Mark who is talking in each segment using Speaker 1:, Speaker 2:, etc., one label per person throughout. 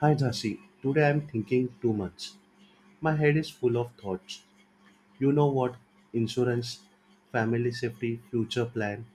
Speaker 1: Hi Jasi, today I'm thinking too much. My head is full of thoughts. You know what? Insurance, family safety, future plan,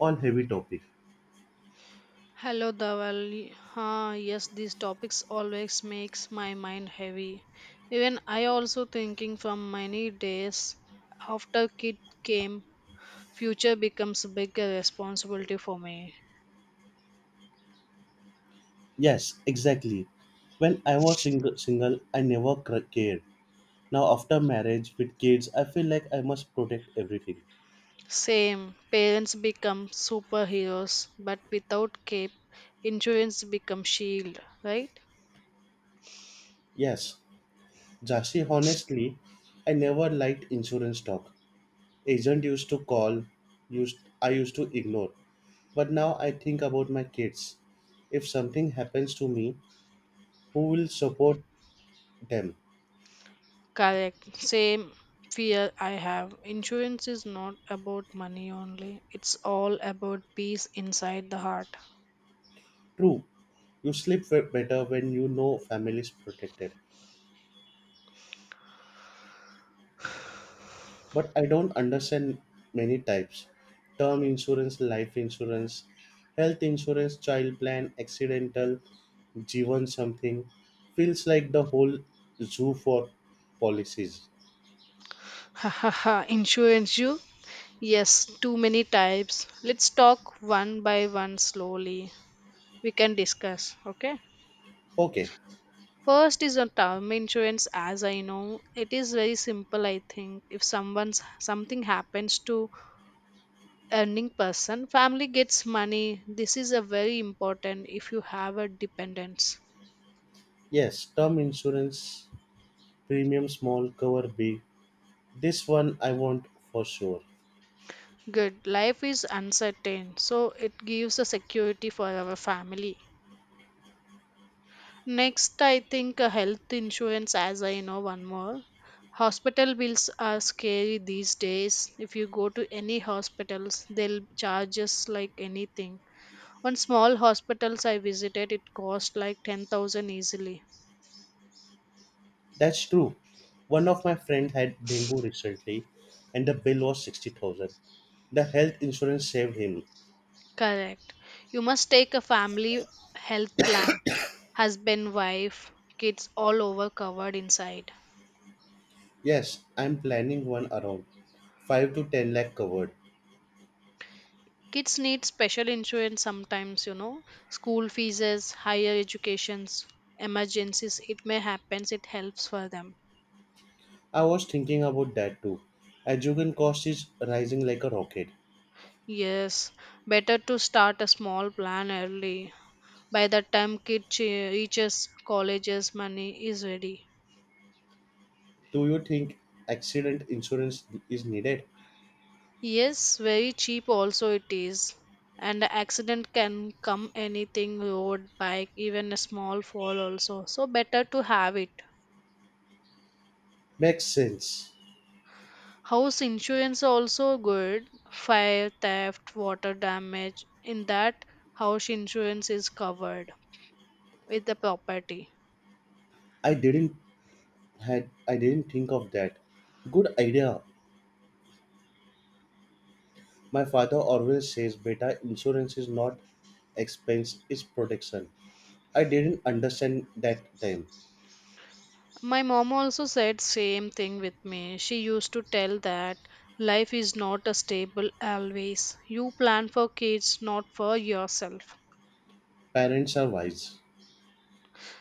Speaker 1: all heavy topic.
Speaker 2: Hello, Dawali. Ah, yes, these topics always makes my mind heavy. Even I also thinking from many days after kid came, future becomes a bigger responsibility for me.
Speaker 1: Yes, exactly. When I was single I never cared. Now after marriage with kids, I feel like I must protect everything.
Speaker 2: Same, parents become superheroes, but without cape, insurance becomes shield, right?
Speaker 1: Yes, Jasi, honestly, I never liked insurance talk. Agent used to call, used I used to ignore. But now I think about my kids. If something happens to me, who will support them?
Speaker 2: Correct. Same fear I have. Insurance is not about money only. It's all about peace inside the heart.
Speaker 1: True, you sleep better when you know family is protected. But I don't understand many types: term insurance, life insurance, health insurance, child plan, accidental, Jivan something. Feels like the whole zoo for policies.
Speaker 2: Ha ha ha, insurance you? Yes, too many types. Let's talk one by one slowly. We can discuss, okay?
Speaker 1: Okay,
Speaker 2: First is a term insurance as I know. It is very simple I think. If someone's something happens to earning person, family gets money. This is a very important if you have a dependence.
Speaker 1: yes, term insurance, premium small, cover big, this one I want for sure.
Speaker 2: Good. Life is uncertain, so it gives a security for our family. Next, I think health insurance, as I know one more. Hospital bills are scary these days. If you go to any hospitals, they'll charge us like anything. One small hospitals I visited, it cost like 10,000 easily.
Speaker 1: That's true. One of my friends had dengue recently and the bill was 60,000. The health insurance saved him.
Speaker 2: Correct. You must take a family health plan. Husband, wife, kids all over covered inside.
Speaker 1: Yes, I'm planning one around 5 to 10 lakh covered.
Speaker 2: Kids need special insurance sometimes, you know, school fees, higher educations, emergencies. It may happen, it helps for them.
Speaker 1: I was thinking about that too. Education cost is rising like a rocket.
Speaker 2: Yes, better to start a small plan early. By the time reaches colleges, money is ready.
Speaker 1: Do you think accident insurance is needed?
Speaker 2: Yes, very cheap also it is. And the accident can come anything road, bike, even a small fall also. So better to have it.
Speaker 1: Makes sense.
Speaker 2: House insurance are also good. Fire, theft, water damage. In that, house insurance is covered with the property.
Speaker 1: I didn't I didn't think of that. Good idea. My father always says, "Beta, insurance is not expense, it's protection." I didn't understand that time.
Speaker 2: My mom also said same thing with me. She used to tell that life is not a stable always. You plan for kids, not for yourself.
Speaker 1: Parents are wise.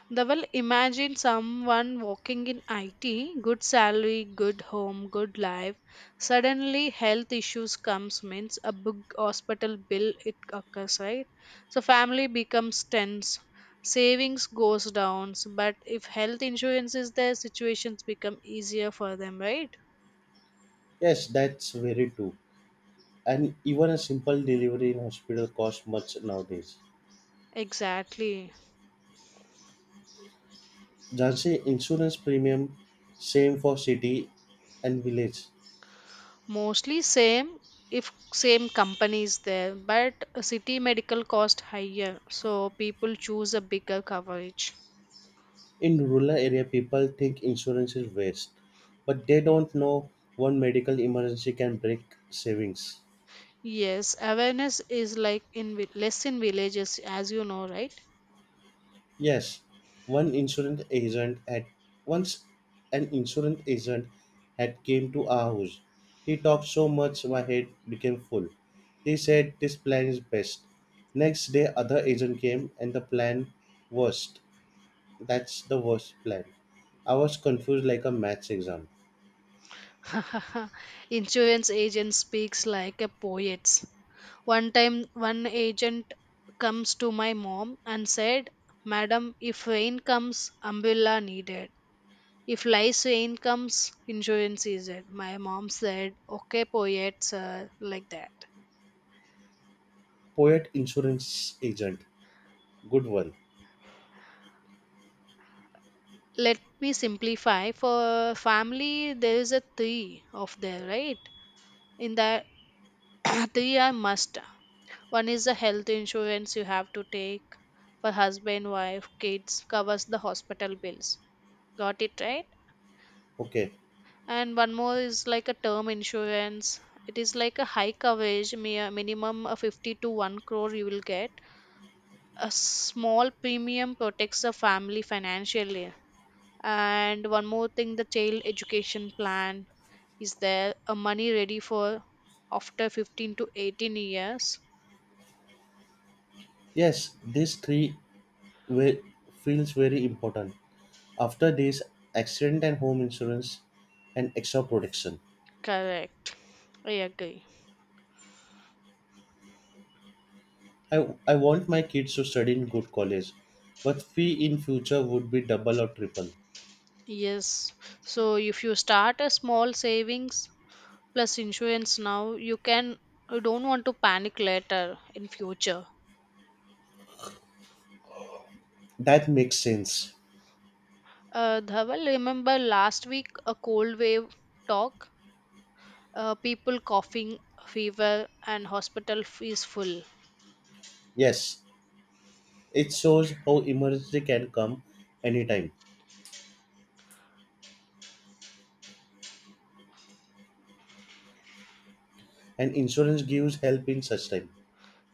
Speaker 2: They will imagine someone working in IT, good salary, good home, good life. Suddenly, health issues comes means a big hospital bill it occurs right. So family becomes tense, savings goes down. So, but if health insurance is there, situations become easier for them, right?
Speaker 1: Yes, that's very true. And even a simple delivery in hospital costs much nowadays.
Speaker 2: Exactly.
Speaker 1: Jhansi insurance premium, same for city and village.
Speaker 2: Mostly same if same company is there, but city medical cost higher, so people choose a bigger coverage.
Speaker 1: In rural area, people think insurance is waste, but they don't know one medical emergency can break savings.
Speaker 2: Yes, awareness is like less in villages, as you know, right?
Speaker 1: Yes, one insurance agent had once an insurance agent had came to our house. He talked so much my head became full. He said this plan is best. Next day other agent came and the plan worst. that's the worst plan. I was confused like a maths exam.
Speaker 2: Insurance agent speaks like a poet. One time, one agent comes to my mom and said, "Madam, if rain comes, umbrella needed. If lice rain comes, insurance is it." My mom said, "Okay, poet, sir," like that.
Speaker 1: Poet insurance agent. Good one.
Speaker 2: Let me simplify. For family, there is a three of there, right? In the three are must. One is the health insurance you have to take for husband, wife, kids, covers the hospital bills. Got it right?
Speaker 1: Okay.
Speaker 2: And one more is like a term insurance. It is like a high coverage, minimum of 50 to 1 crore you will get. A small premium protects the family financially. And one more thing, the child education plan is there a money ready for after 15 to 18 years.
Speaker 1: Yes, these three were feels very important. After this, accident and home insurance and extra protection.
Speaker 2: Correct. I agree.
Speaker 1: I want my kids to study in good college, but fee in future would be double or triple.
Speaker 2: Yes. So if you start a small savings plus insurance now, you don't want to panic later in future.
Speaker 1: That makes sense.
Speaker 2: Dhaval, remember last week a cold wave talk? People coughing, fever, and is full.
Speaker 1: Yes, it shows how emergency can come anytime, and insurance gives help in such time.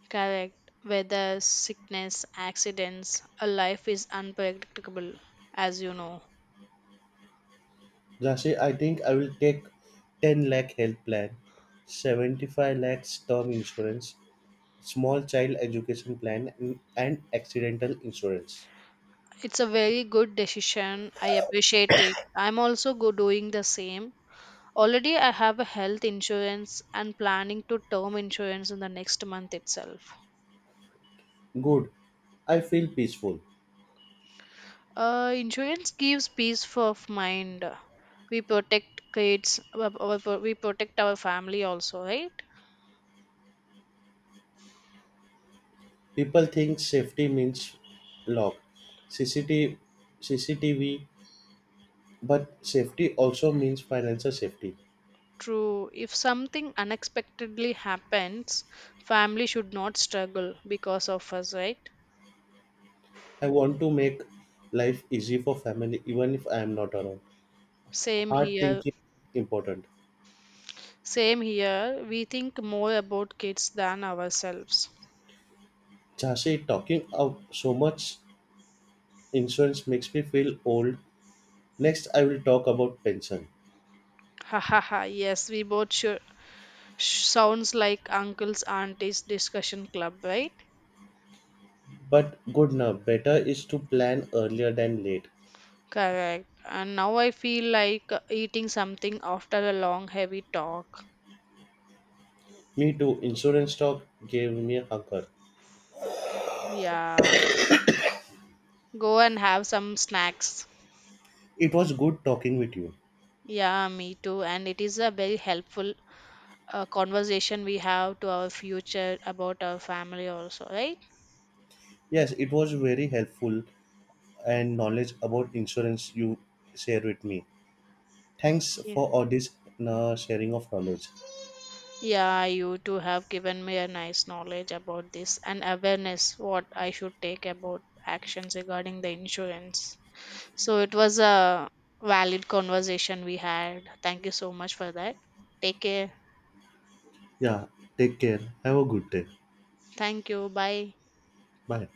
Speaker 2: Correct. Weather, sickness, accidents, a life is unpredictable, as you know.
Speaker 1: Jasi, I think I will take 10 lakh health plan, 75 lakhs term insurance, small child education plan, and accidental insurance.
Speaker 2: It's a very good decision. I appreciate it. I'm also go doing the same. Already I have a health insurance and planning to term insurance in the next month itself.
Speaker 1: Good. I feel peaceful.
Speaker 2: Insurance gives peace of mind. We protect kids, we protect our family also, right?
Speaker 1: People think safety means lock, CCTV, but safety also means financial safety.
Speaker 2: True. If something unexpectedly happens, family should not struggle because of us, right?
Speaker 1: I want to make life easy for family even if I am not around.
Speaker 2: Same
Speaker 1: Hard
Speaker 2: here.
Speaker 1: thinking important.
Speaker 2: Same here, we think more about kids than ourselves.
Speaker 1: Jhansi, talking of so much insurance makes me feel old. Next, I will talk about pension.
Speaker 2: Ha ha ha, yes, we both sure. Sounds like uncle's auntie's discussion club, right?
Speaker 1: But good now, better is to plan earlier than late.
Speaker 2: Correct. And now I feel like eating something after a long, heavy talk.
Speaker 1: Me too, insurance talk gave me a hunger.
Speaker 2: Yeah. Go and have some snacks.
Speaker 1: It was good talking with you.
Speaker 2: Yeah, me too. And it is a very helpful conversation we have to our future about our family, also, right?
Speaker 1: Yes, it was very helpful and knowledge about insurance you share with me. Thanks for all this sharing of knowledge.
Speaker 2: Yeah, you two have given me a nice knowledge about this and awareness what I should take about actions regarding the insurance. So it was a valid conversation we had. Thank you so much for that. Take care.
Speaker 1: Yeah, take care. Have a good day.
Speaker 2: Thank you. Bye.
Speaker 1: Bye.